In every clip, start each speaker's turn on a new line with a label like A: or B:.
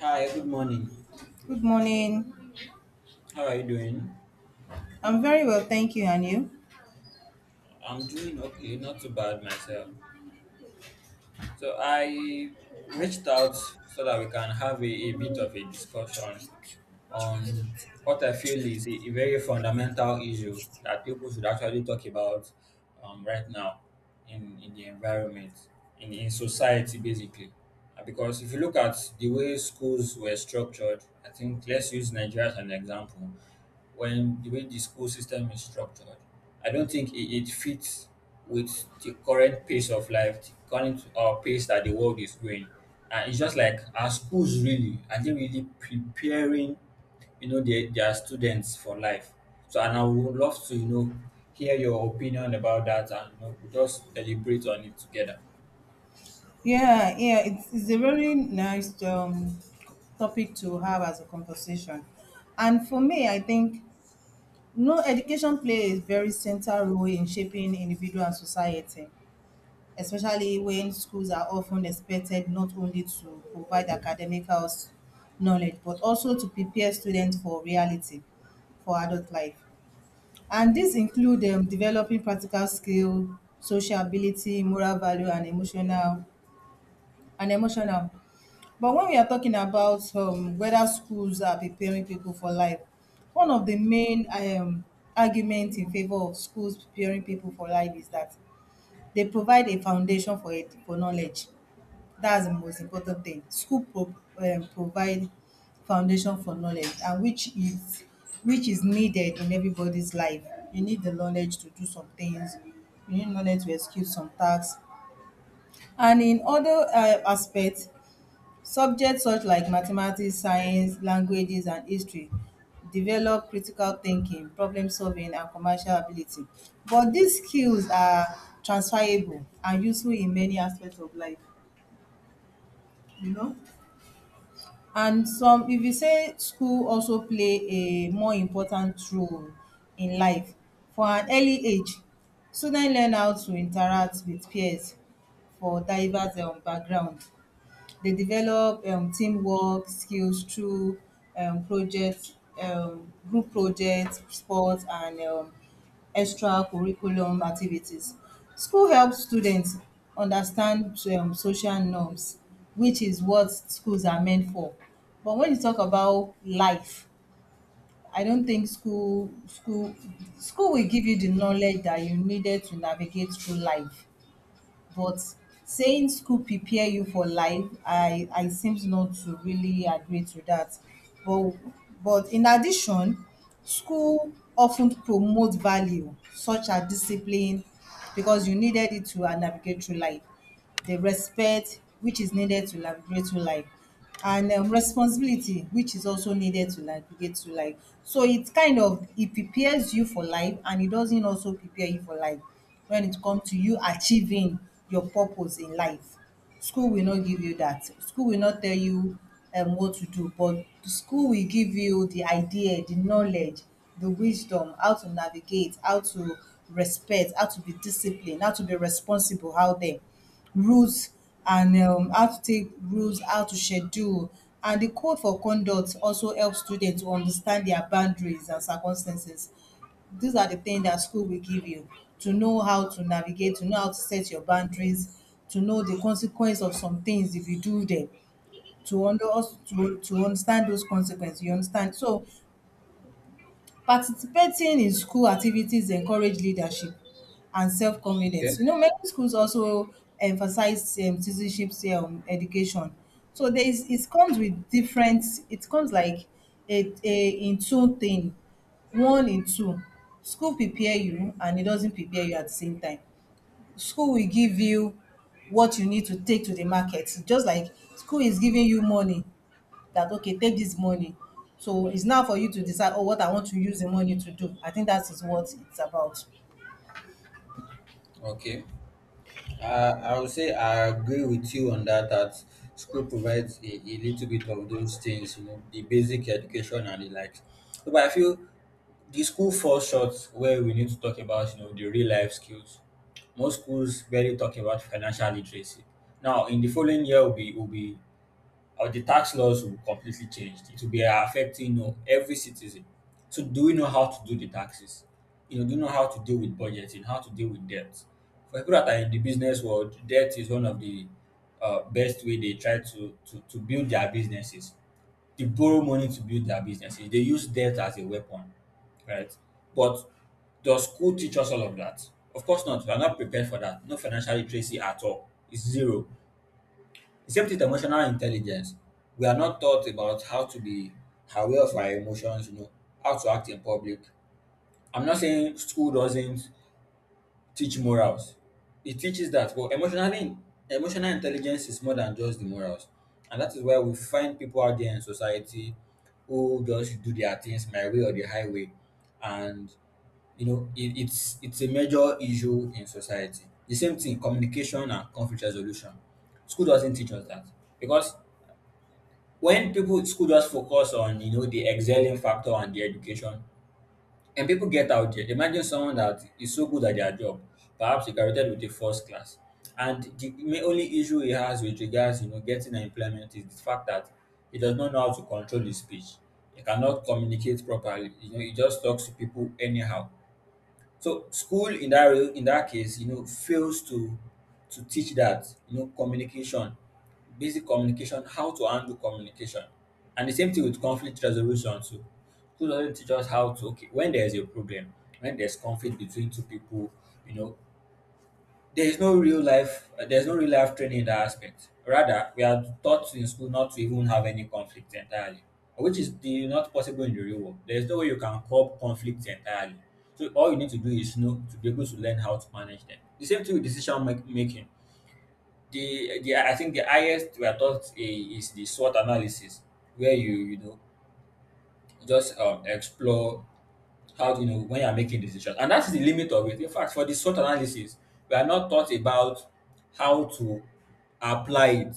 A: Hi, good morning.
B: Good morning.
A: How are you doing?
B: I'm very well, thank you, and you?
A: I'm doing okay, not too bad myself. So I reached out so that we can have a bit of a discussion on what I feel is a very fundamental issue that people should actually talk about right now, in the environment, in society basically. Because if you look at the way schools were structured, I think let's use Nigeria as an example. When the way the school system is structured, I don't think it fits with the current pace of life, the current pace that the world is going. And it's just like, our schools, really, are they really preparing, they are students for life? So, and I would love to, hear your opinion about that, and we just deliberate on it together.
B: Yeah, yeah, it's a very nice topic to have as a conversation. And for me, I think no education plays a very central role in shaping individual and society, especially when schools are often expected not only to provide academic house knowledge, but also to prepare students for reality, for adult life. And these include developing practical skill, social ability, moral value, and emotional. But when we are talking about whether schools are preparing people for life, one of the main arguments in favor of schools preparing people for life is that they provide a foundation for for knowledge. That's the most important thing. School provide foundation for knowledge and which is needed in everybody's life. You need the knowledge to do some things, you need knowledge to execute some tasks. And in other aspects, subjects such like mathematics, science, languages and history develop critical thinking, problem solving and commercial ability. But these skills are transferable and useful in many aspects of life, you know. And some if you say school also play a more important role in life. For an early age, student learn how to interact with peers for diverse background. They develop teamwork skills through um, projects, group projects, sports, and extra curriculum activities. School helps students understand social norms, which is what schools are meant for. But when you talk about life, I don't think school school will give you the knowledge that you needed to navigate through life, but saying school prepare you for life, I seems not to really agree to that. But in addition, school often promote value such as discipline, because you needed it to navigate through life, the respect which is needed to navigate through life, and responsibility which is also needed to navigate through life. So it kind of it prepares you for life and it doesn't also prepare you for life. When it comes to you achieving your purpose in life, school will not give you that. School will not tell you what to do, but the school will give you the idea, the knowledge, the wisdom, how to navigate, how to respect, how to be disciplined, how to be responsible out there, rules, and how to take rules, how to schedule. And the code for conduct also helps students to understand their boundaries and circumstances. These are the things that school will give you, to know how to navigate, to know how to set your boundaries, to know the consequence of some things if you do them, to to understand those consequences. You understand? So participating in school activities encourage leadership and self-confidence.
A: Okay,
B: You know, many schools also emphasize citizenship education. So there is it comes with different. It comes like a in two thing, one in two. School prepare you, and it doesn't prepare you at the same time. School will give you what you need to take to the market, just like school is giving you money that okay take this money. So it's now for you to decide oh what I want to use the money to do. I think that is what it's about.
A: okay. I would say I agree with you on that, that school provides a little bit of those things, the basic education and the likes. But I feel the school falls short where we need to talk about, the real life skills. Most schools barely talk about financial literacy. Now, in the following year, will be the tax laws will completely change. It will be affecting, every citizen. So, do we know how to do the taxes? You know, do you know how to deal with budgeting, how to deal with debt? For people that are in the business world, debt is one of the best way they try to, to build their businesses. They borrow money to build their businesses. They use debt as a weapon, right? But does school teach us all of that? Of course not. We are not prepared for that. No financial literacy at all. It's zero. Except with emotional intelligence, we are not taught about how to be aware of our emotions, how to act in public. I'm not saying school doesn't teach morals. It teaches that, but emotional intelligence is more than just the morals. And that is why we find people out there in society who just do their things, my way or the highway. And you know, it's it's a major issue in society. The same thing, communication and conflict resolution. School doesn't teach us that, because when people, school just focus on, the excelling factor and the education. And people get out there. Imagine someone that is so good at their job, perhaps he graduated with a first class, and the only issue he has with regards, getting an employment, is the fact that he does not know how to control his speech. He cannot communicate properly. You know, he just talks to people anyhow. So school, in that in that case, fails to teach that, communication, basic communication, how to handle communication, and the same thing with conflict resolution too. School doesn't teach us how to, okay, when there is a problem, when there's conflict between two people, you know, there is no real life there's no real life training in that aspect. Rather, we are taught in school not to even have any conflict entirely, which is the not possible in the real world. There is no way you can curb conflicts entirely. So all you need to do is know to be able to learn how to manage them. The same thing with decision making. The I think the highest we are taught is the SWOT analysis, where you know just explore, how do you know when you are making decisions? And that is the limit of it. In fact, for the SWOT analysis, we are not taught about how to apply it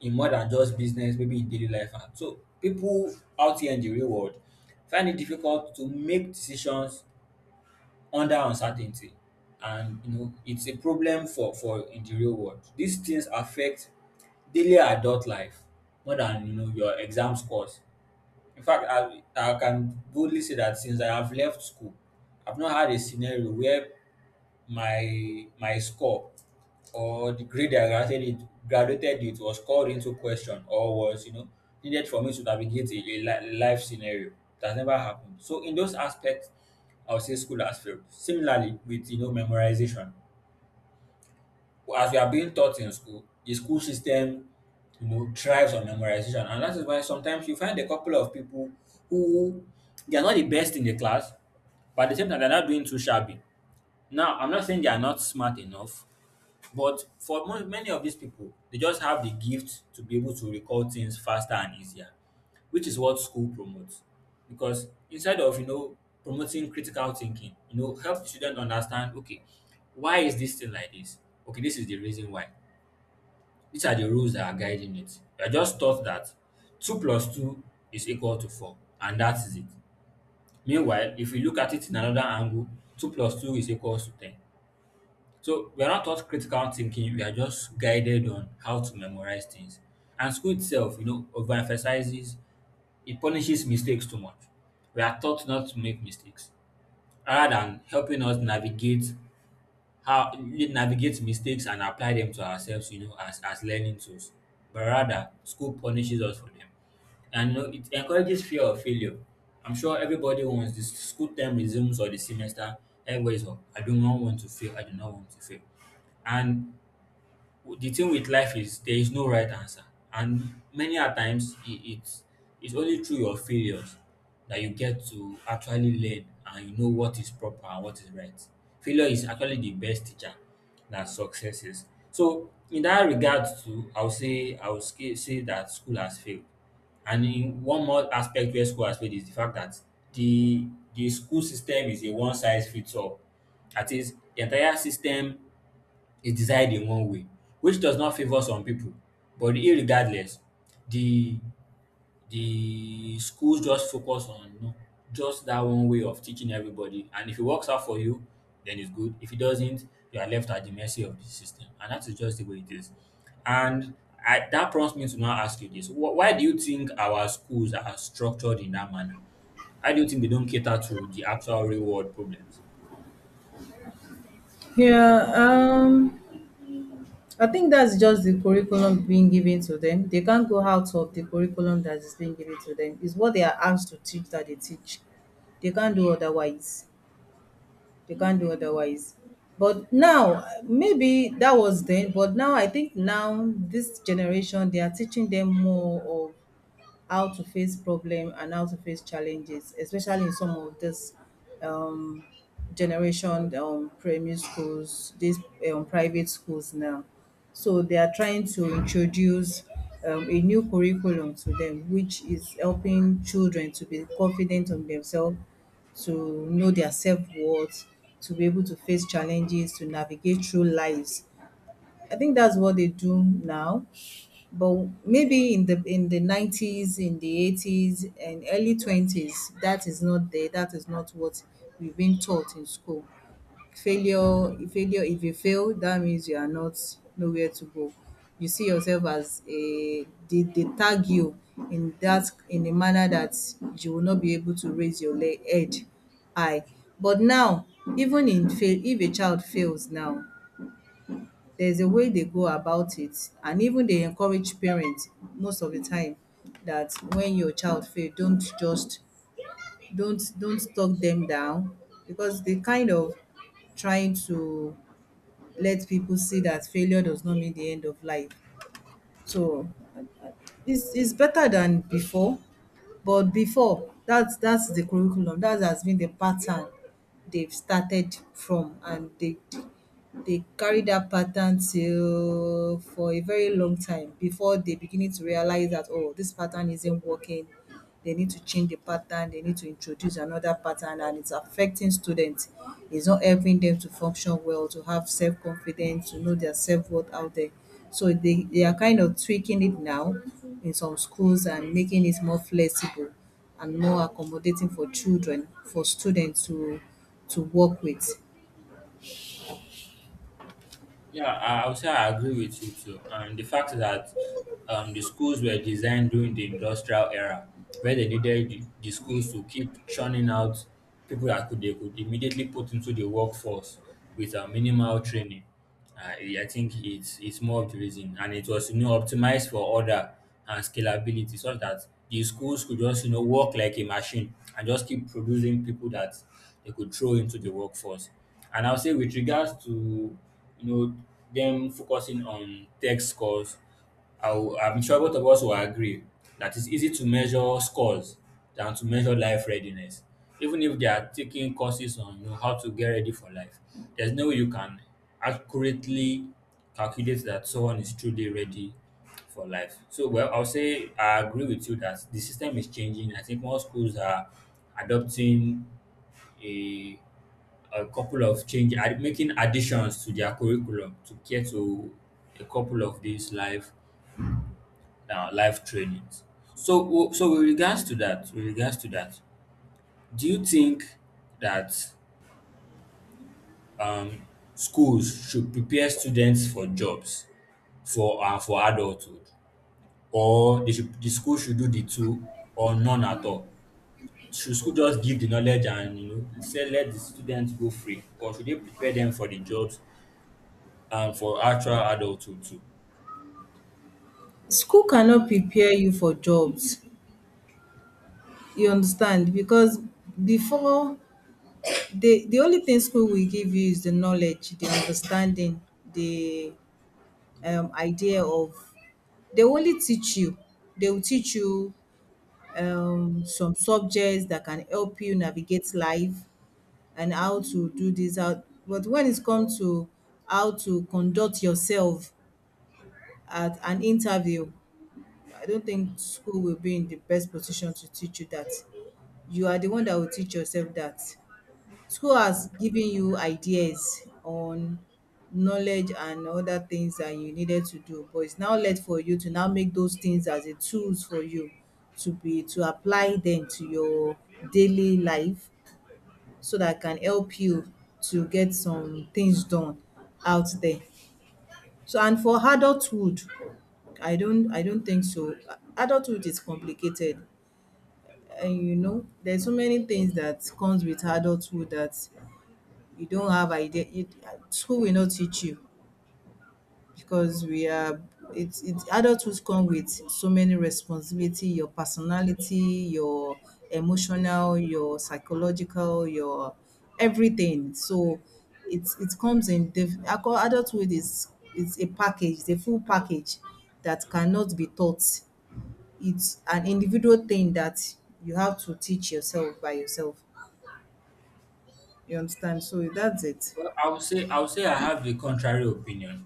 A: in more than just business, maybe in daily life. And so people out here in the real world find it difficult to make decisions under uncertainty. And you know, it's a problem for in the real world. These things affect daily adult life more than, your exam scores. In fact, I can boldly say that since I have left school, I've not had a scenario where my score or the grade I graduated it, graduated it, was called into question or was, needed for me to navigate a life scenario. That's never happened. So in those aspects, I would say school has failed. Similarly, with, memorization. As we are being taught in school, the school system, thrives on memorization. And that is why sometimes you find a couple of people who, they are not the best in the class, but at the same time, they're not doing too shabby. Now, I'm not saying they are not smart enough, but for many of these people, they just have the gift to be able to recall things faster and easier, which is what school promotes. Because inside of, promoting critical thinking, help the student understand, okay, why is this thing like this? Okay, this is the reason why. These are the rules that are guiding it. You are just taught that two plus two is equal to four, and that is it. Meanwhile, if you look at it in another angle, two plus two is equal to ten. So we are not taught critical thinking, we are just guided on how to memorize things. And school itself, overemphasizes, it punishes mistakes too much. We are taught not to make mistakes rather than helping us navigate how navigate mistakes and apply them to ourselves, as learning tools. But rather, school punishes us for them. And you know, it encourages fear of failure. I'm sure everybody wants, the school term resumes or the semester, everybody's, "Oh, I do not want to fail, I do not want to fail." And the thing with life is, there is no right answer, and many a times it's it's only through your failures that you get to actually learn, and what is proper and what is right. Failure is actually the best teacher than success is. So in that regard too, I would say I would say that school has failed. And in one more aspect where school has failed is the fact that the the school system is a one size fits all. That is, the entire system is decided in one way, which does not favor some people. But irregardless, the the schools just focus on, just that one way of teaching everybody. And if it works out for you, then it's good. If it doesn't, you are left at the mercy of the system. And that is just the way it is. And I, that prompts me to now ask you this: Why do you think our schools are structured in that manner? Why do you think they don't cater to the actual real world problems?
B: Yeah, I think that's just the curriculum being given to them. They can't go out of the curriculum that is being given to them. It's what they are asked to teach that they teach. They can't do otherwise. They can't do otherwise. But now, maybe that was then, but now I think now this generation they are teaching them more how to face problem and how to face challenges, especially in some of this um, generation primary schools, these private schools now. So they are trying to introduce a new curriculum to them, which is helping children to be confident on themselves, to know their self worth, to be able to face challenges, to navigate through lives. I think that's what they do now, but maybe in the 90s, in the 80s and early 20s, that is not there. That is not what we've been taught in school. Failure, if you fail, that means you are not nowhere to go. You see yourself as a they tag you in a manner that you will not be able to raise your head high. But now, even in fail if a child fails now, there's a way they go about it, and even they encourage parents most of the time that when your child fail don't just don't talk them down, because they kind of trying to let people see that failure does not mean the end of life. So it's better than before. But before, that's the curriculum that has been the pattern they've started from, and they carry that pattern till for a very long time before they beginning to realize that oh this pattern isn't working. They need to change the pattern, they need to introduce another pattern, and it's affecting students. It's not helping them to function well, to have self-confidence, to know their self-worth out there. So they are kind of tweaking it now in some schools, and making it more flexible and more accommodating for children, for students to work with.
A: Yeah, I would say I agree with you too. And the fact that the schools were designed during the industrial era, where they needed the schools to keep churning out people that could, they could immediately put into the workforce with a minimal training. I think it's more of the reason, and it was, optimized for order and scalability, so that the schools could just, work like a machine and just keep producing people that they could throw into the workforce. And I'll say with regards to, you know them focusing on tech scores, I'll, I'm sure both of us will agree that it's easy to measure scores than to measure life readiness. Even if they are taking courses on, how to get ready for life, there's no way you can accurately calculate that someone is truly ready for life. So, well, I'll say I agree with you that the system is changing. I think more schools are adopting a a couple of change making additions to their curriculum to get to a couple of these live live trainings. So so with regards to that, do you think that um, schools should prepare students for jobs, for adulthood, or they should, the school should do the two, or none at all? Should school just give the knowledge and, say let the students go free, or should they prepare them for the jobs and for actual adulthood too?
B: School cannot prepare you for jobs, you understand, because before the only thing school will give you is the knowledge, the understanding, the idea of they only teach you. They will teach you some subjects that can help you navigate life and how to do this out. But when it comes to how to conduct yourself at an interview, I don't think school will be in the best position to teach you that. You are the one that will teach yourself that. School has given you ideas on knowledge and other things that you needed to do, but it's now left for you to now make those things as a tools for you to be to apply them to your daily life, so that can help you to get some things done out there. So and for adulthood, I don't think so. Adulthood is complicated, and you know there's so many things that comes with adulthood that you don't have idea school will not teach you. Because we are it, adulthood come with so many responsibility, your personality, your emotional, your psychological, your everything. So it's it comes in I call adulthood is it's a package, the full package that cannot be taught. It's an individual thing that you have to teach yourself by yourself. You understand? So that's it.
A: Well, I would say I would say I have a contrary opinion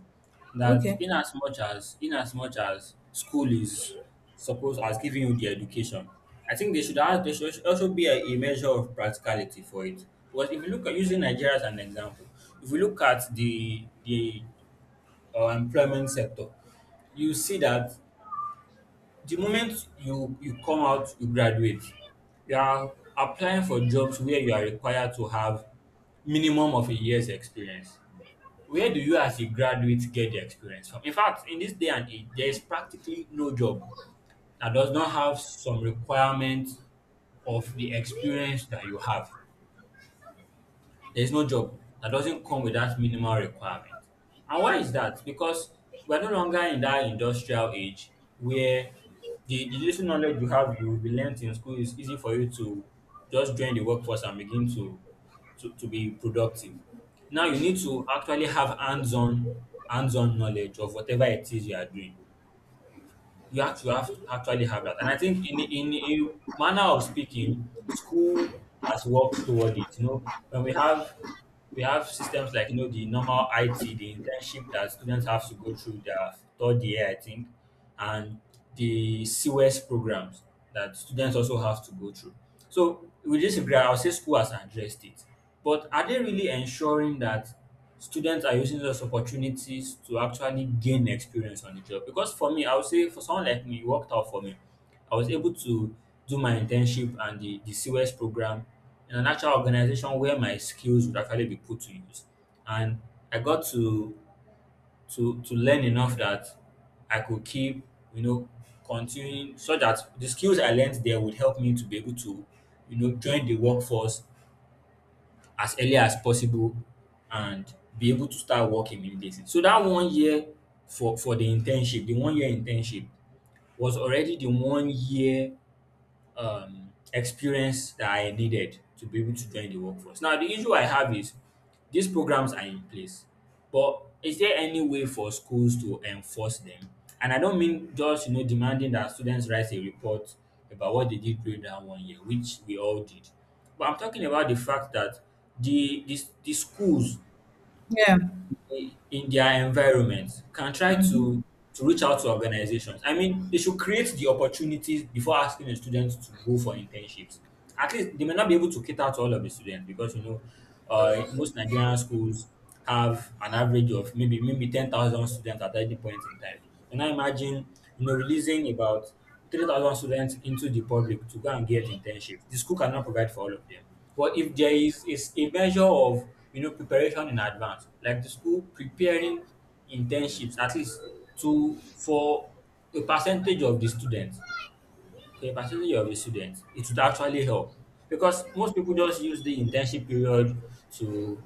A: that,
B: Okay.
A: in as much as, in as much as school is supposed as giving you the education, I think they should have, there should also be a measure of practicality for it. Because if you look at using Nigeria as an example, if you look at the employment sector, you see that the moment you come out, you graduate, you are applying for jobs where you are required to have minimum of a year's experience. Where do you as a graduate get the experience from? In fact, in this day and age, there is practically no job that does not have some requirement of the experience that you have. There's no job that doesn't come with that minimal requirement. And why is that? Because we're no longer in that industrial age where the little knowledge you have, you will be learnt in school, is easy for you to just join the workforce and begin to be productive. Now you need to actually have hands-on knowledge of whatever it is you are doing. You have to have actually have that. And I think in a manner of speaking, school has worked toward it. You know, when we have systems like, you know, the normal IT, the internship that students have to go through their third year, I think, and the CWES programs that students also have to go through. So with this regard, I'll say school has addressed it. But are they really ensuring that students are using those opportunities to actually gain experience on the job? Because for me, I would say, for someone like me, it worked out for me. I was able to do my internship and the COS program in an actual organization where my skills would actually be put to use. And I got to learn enough that I could keep, you know, continuing so that the skills I learned there would help me to be able to, you know, join the workforce as early as possible and be able to start working immediately. So that 1 year, for the internship, the 1 year internship was already the 1 year experience that I needed to be able to join the workforce. Now, the issue I have is these programs are in place, but is there any way for schools to enforce them? And I don't mean just, you know, demanding that students write a report about what they did during that 1 year, which we all did. But I'm talking about the fact that the schools
B: Yeah.
A: in their environment can try to reach out to organizations. I mean, they should create the opportunities before asking the students to go for internships. At least they may not be able to cater to all of the students because, you know, most Nigerian schools have an average of maybe 10,000 students at any point in time. Can I imagine, you know, releasing about 3,000 students into the public to go and get internships? The school cannot provide for all of them. But if there is a measure of, you know, preparation in advance, like the school preparing internships at least to for a percentage of the students, for your considering your residents, it would actually help, because most people just use the internship period to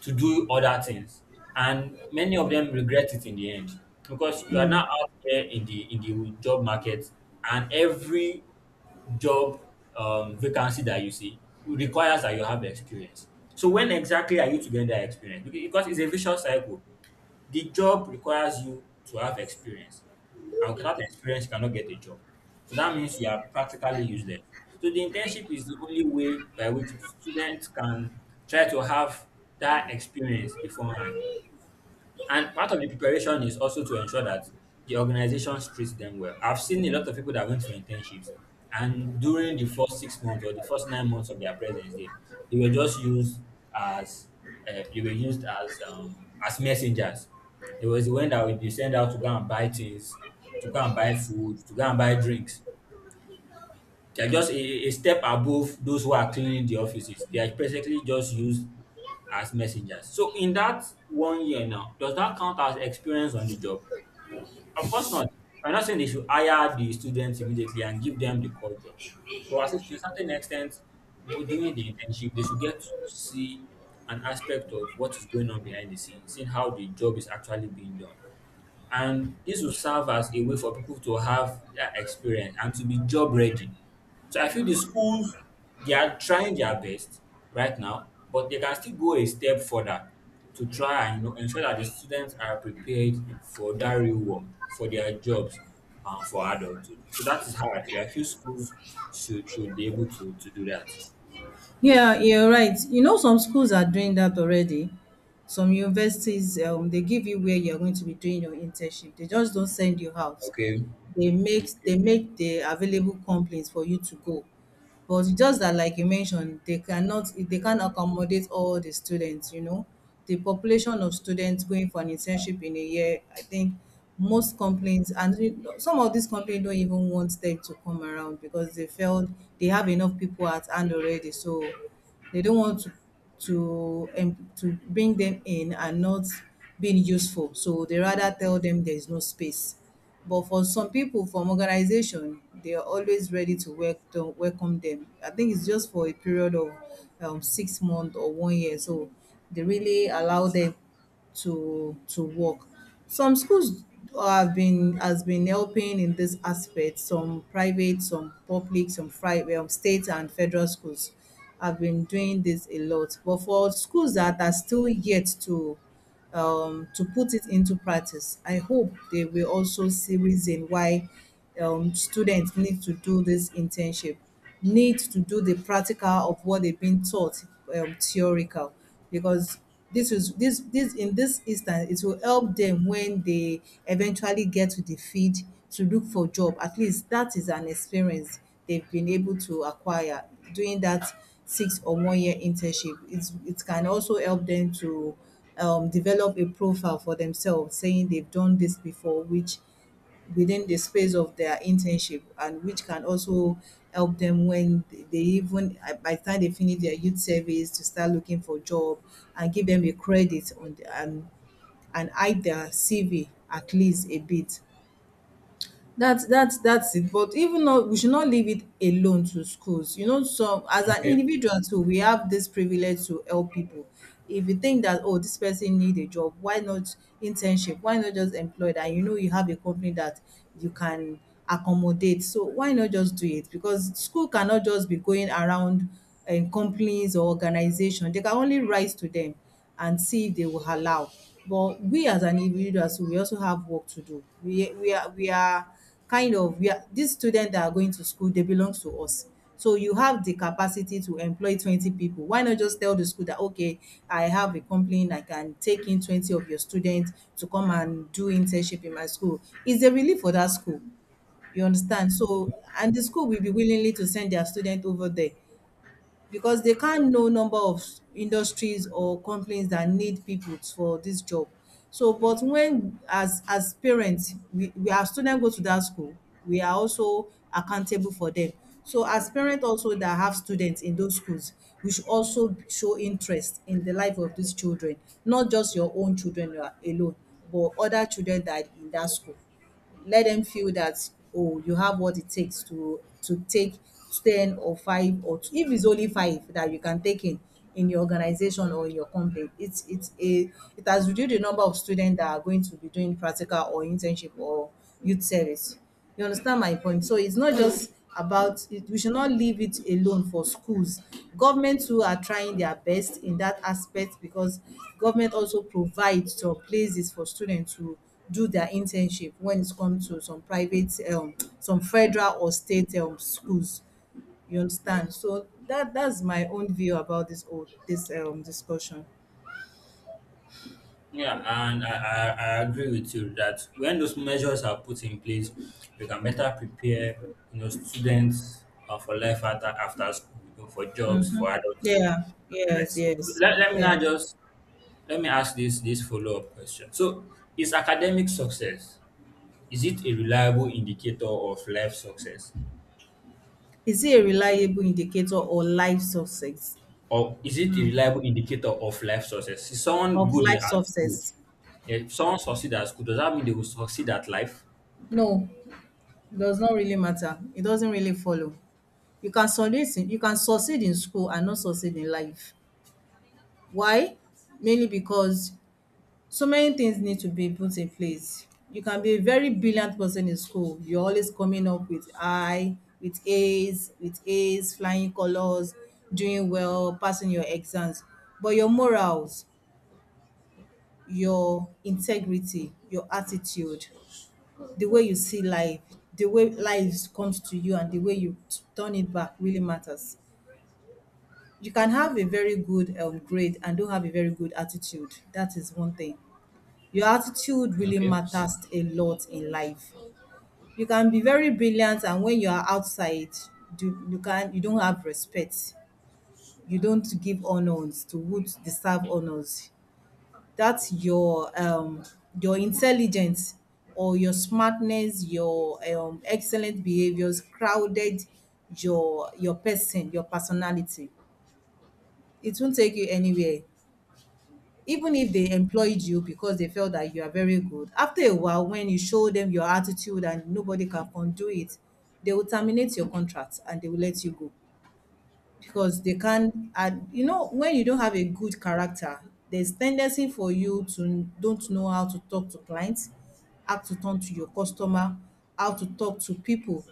A: to do other things, and many of them regret it in the end because you are now out there in the job market, and every job vacancy that you see requires that you have experience. So when exactly are you to gain that experience? Because it's a vicious cycle. The job requires you to have experience, and without experience, you cannot get a job. So that means you are practically useless. So the internship is the only way by which students can try to have that experience beforehand. And part of the preparation is also to ensure that the organisation treats them well. I've seen a lot of people that went for internships, and during the first 6 months or the first 9 months of their presence there, they were just as used as messengers. There was the one that would be sent out to go and buy things, to go and buy food, to go and buy drinks. They are just a step above those who are cleaning the offices. They are basically just used as messengers. So in that 1 year now, does that count as experience on the job? Of course not. I'm not saying they should hire the students immediately and give them the core jobs. But at least to a certain extent, during the internship, they should get to see an aspect of what is going on behind the scenes, seeing how the job is actually being done, and this will serve as a way for people to have that experience and to be job ready. So I feel the schools, they are trying their best right now, but they can still go a step further to try and, you know, ensure that the students are prepared for that real world, for their jobs and for adulthood. So that is how I feel. I feel schools should be able to do that.
B: Yeah, you're right. You know, some schools are doing that already. Some universities, they give you where you're going to be doing your internship. They just don't send you out.
A: Okay.
B: They make
A: Okay.
B: they make the available companies for you to go. But it's just that like you mentioned, they can't accommodate all the students, you know. The population of students going for an internship in a year, I think most complaints, and you some of these complaints don't even want them to come around because they felt they have enough people at hand already. So they don't want to to bring them in and not being useful. So they rather tell them there is no space. But for some people from organization, they are always ready to work to welcome them. I think it's just for a period of 6 months or one year. So they really allow them to work. Some schools have been has been helping in this aspect. Some private, some public, some private, state and federal schools have been doing this a lot. But for schools that are still yet to put it into practice, I hope they will also see reason why students need to do this internship, need to do the practical of what they've been taught theoretical, because this in this instance it will help them when they eventually get to the field to look for job. At least that is an experience they've been able to acquire doing that 6 or 1 year internship. It's, it can also help them to develop a profile for themselves saying they've done this before, which within the space of their internship, and which can also help them when they even by the time they finish their youth service to start looking for job, and give them a credit on the, and hide their CV at least a bit. That's it. But even though we should not leave it alone to schools. So as an
A: Okay.
B: individual too, we have this privilege to help people. If you think that, oh, this person need a job, why not internship? Why not just employ that? You have a company that you can accommodate. So why not just do it? Because school cannot just be going around in companies or organization. They can only rise to them and see if they will allow. But we as an individuals, we also have work to do. We are kind of we are these students that are going to school, they belong to us. So you have the capacity to employ 20 people. Why not just tell the school that, okay, I have a complaint. I can take in 20 of your students to come and do internship in my school. It's a relief for that school. You understand? So, and the school will be willingly to send their student over there because they can't know number of industries or companies that need people for this job. So, but when as parents, we our students go to that school, we are also accountable for them. So, as parents also that have students in those schools, we should also show interest in the life of these children, not just your own children alone, but other children that are in that school. Let them feel that, oh, you have what it takes to take 10 or 5 or two, if it's only 5 that you can take in your organization or in your company, it has reduced the number of students that are going to be doing practical or internship or youth service. You understand my point? So it's not just about it, we should not leave it alone for schools. Government too are trying their best in that aspect because government also provides some places for students to do their internship when it comes to some private some federal or state schools. You understand? So that's my own view about this whole this discussion.
A: Yeah, and I agree with you that when those measures are put in place, we can better prepare, you know, students for life after, after school, you know, for jobs, for
B: Mm.
A: adulthood,
B: Yeah,
A: and the
B: yes,
A: rest. So
B: yes,
A: let me now
B: yes.
A: just let me ask this follow up question. So, is academic success, is it a reliable indicator of life success,
B: Is it a reliable indicator or life success?
A: or is it a reliable indicator of life success? Is someone
B: Of
A: good in
B: life
A: at school?
B: success?
A: If someone succeed at school, does that mean they will succeed at life?
B: No, it does not really matter. It doesn't really follow. You can succeed in school and not succeed in life. Why? Mainly because so many things need to be put in place. You can be a very brilliant person in school. You're always coming up with A's, flying colors, doing well, passing your exams. But your morals, your integrity, your attitude, the way you see life, the way life comes to you, and the way you turn it back really matters. You can have a very good grade and don't have a very good attitude. That is one thing. Your attitude really
A: Okay.
B: matters a lot in life. You can be very brilliant and when you are outside, do, you can you don't have respect. You don't give honors to who deserve honors. That's your intelligence or your smartness, your excellent behaviors crowded your personality. It won't take you anywhere. Even if they employed you because they felt that you are very good, after a while when you show them your attitude and nobody can undo it, they will terminate your contract and they will let you go, because they can. And you know, when you don't have a good character, there's tendency for you to don't know how to talk to clients, how to talk to your customer, how to talk to people.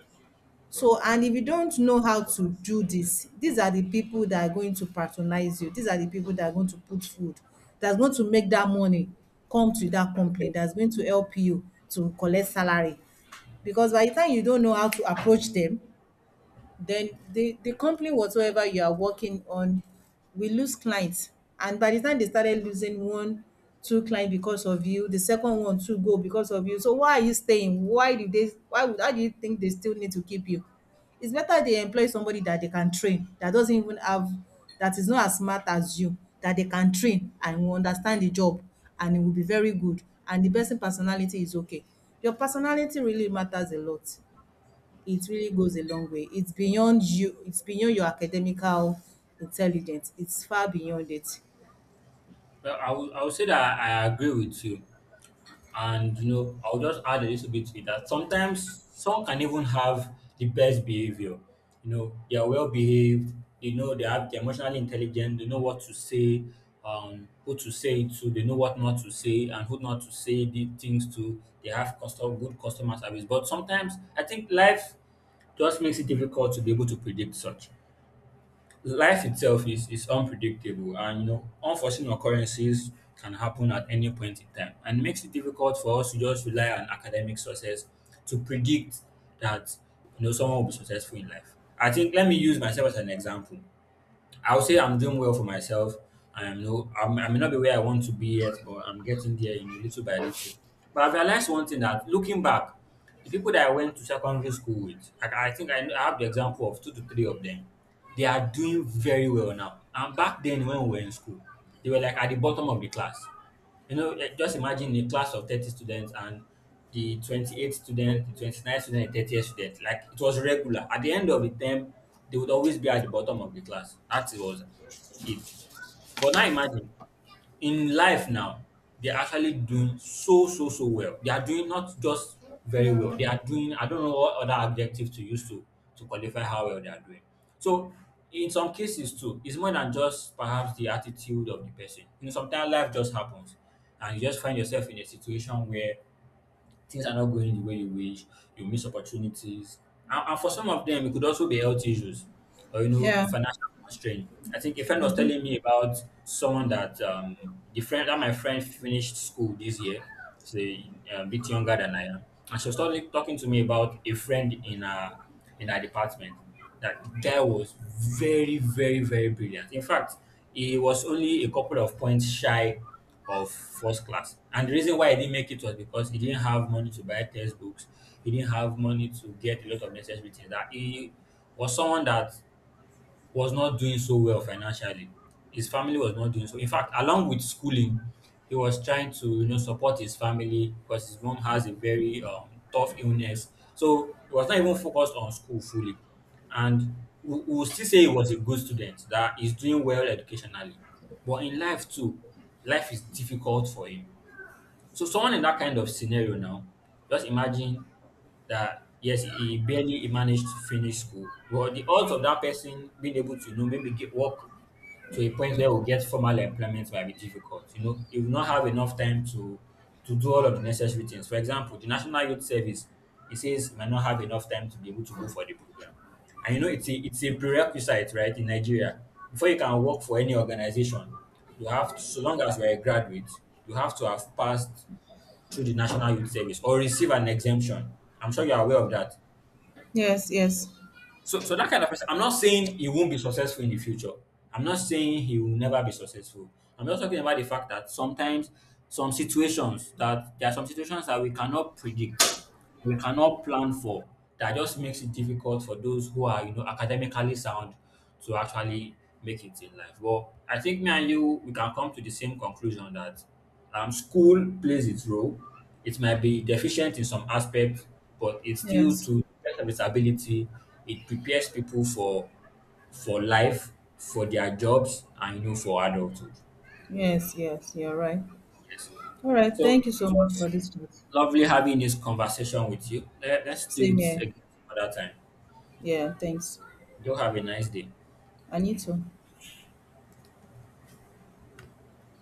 B: So, and if you don't know how to do this, these are the people that are going to patronize you, these are the people that are going to put food, that's going to make that money come to that company, that's going to help you to collect salary. Because by the time you don't know how to approach them, then the company, whatsoever you are working on, will lose clients. And by the time they started losing one, two clients because of you, the second one too go because of you. So why are you staying? Why do they why would how do you think they still need to keep you? It's better they employ somebody that they can train, that doesn't even have that is not as smart as you, that they can train and will understand the job, and it will be very good. And the personality is okay. Your personality really matters a lot. It really goes a long way. It's beyond you, it's beyond your academical intelligence. It's far beyond it.
A: Well, I would say that I agree with you. And, you know, I'll just add a little bit to it that sometimes some can even have the best behavior. You know, they are well behaved, they know they're emotionally intelligent, they know what to say, who to say it to, they know what not to say and who not to say the things to. They have custom, good customer service. But sometimes I think life just makes it difficult to be able to predict such. Life itself is unpredictable, and, you know, unforeseen occurrences can happen at any point in time and makes it difficult for us to just rely on academic success to predict that, you know, someone will be successful in life. I think let me use myself as an example. I'll say I'm doing well for myself. I'm no, I'm, I may not be where I want to be yet, but I'm getting there, you know, little by little. But I've realized one thing that looking back, the people that I went to secondary school with, I have the example of two to three of them. They are doing very well now. And back then, when we were in school, they were like at the bottom of the class. You know, eh, just imagine a class of 30 students and the 28th student, the 29th student, the 30th student. Like it was regular. At the end of the term, they would always be at the bottom of the class. That was it. But now imagine, in life now, they're actually doing so, so, so well. They are doing not just very well, they are doing, I don't know what other adjective to use to qualify how well they are doing. So, in some cases too, it's more than just perhaps the attitude of the person. You know, sometimes life just happens and you just find yourself in a situation where things are not going the way you wish, you miss opportunities. And for some of them, it could also be health issues or, you know,
B: Yeah.
A: financial constraint. I think a friend was telling me about someone that, the friend that my friend finished school this year. She's a bit younger than I am. And she was talking to me about a friend in in her department. That the guy was very brilliant. In fact, he was only a couple of points shy of first class. And the reason why he didn't make it was because he didn't have money to buy textbooks. He didn't have money to get a lot of necessary things. That he was someone that was not doing so well financially. His family was not doing so. In fact, along with schooling, he was trying to, you know, support his family because his mom has a very tough illness. So he was not even focused on school fully. And we will still say he was a good student that is doing well educationally, but in life too, life is difficult for him. So someone in that kind of scenario now, just imagine that, yes, he managed to finish school. Well, the odds of that person being able to, you know, maybe get work to a point where we get formal employment might be difficult. You know, he will not have enough time to do all of the necessary things. For example, the National Youth Service, it says he might not have enough time to be able to go for the program. And, you know, it's it's a prerequisite, right, in Nigeria. Before you can work for any organization, you have to, so long as you're a graduate, you have to have passed through the National Youth Service or receive an exemption. I'm sure you're aware of that.
B: Yes, yes,
A: So, so that kind of person, I'm not saying he won't be successful in the future. I'm not saying he will never be successful. I'm just talking about the fact that sometimes some situations that there are some situations that we cannot predict, we cannot plan for, that just makes it difficult for those who are, you know, academically sound to actually make it in life. But I think me and you, we can come to the same conclusion that school plays its role. It might be deficient in some aspects, but it still
B: yes,
A: to best of its ability. It prepares people for life, for their jobs, and, you know, for adulthood.
B: yes, yes. You're right.
A: Yes.
B: All right.
A: So
B: Thank you so
A: it
B: much for
A: was
B: this chat.
A: lovely having this conversation with you. Let's do
B: Same
A: it
B: here.
A: again another time.
B: Yeah, thanks.
A: Do have a nice day.
B: I need to.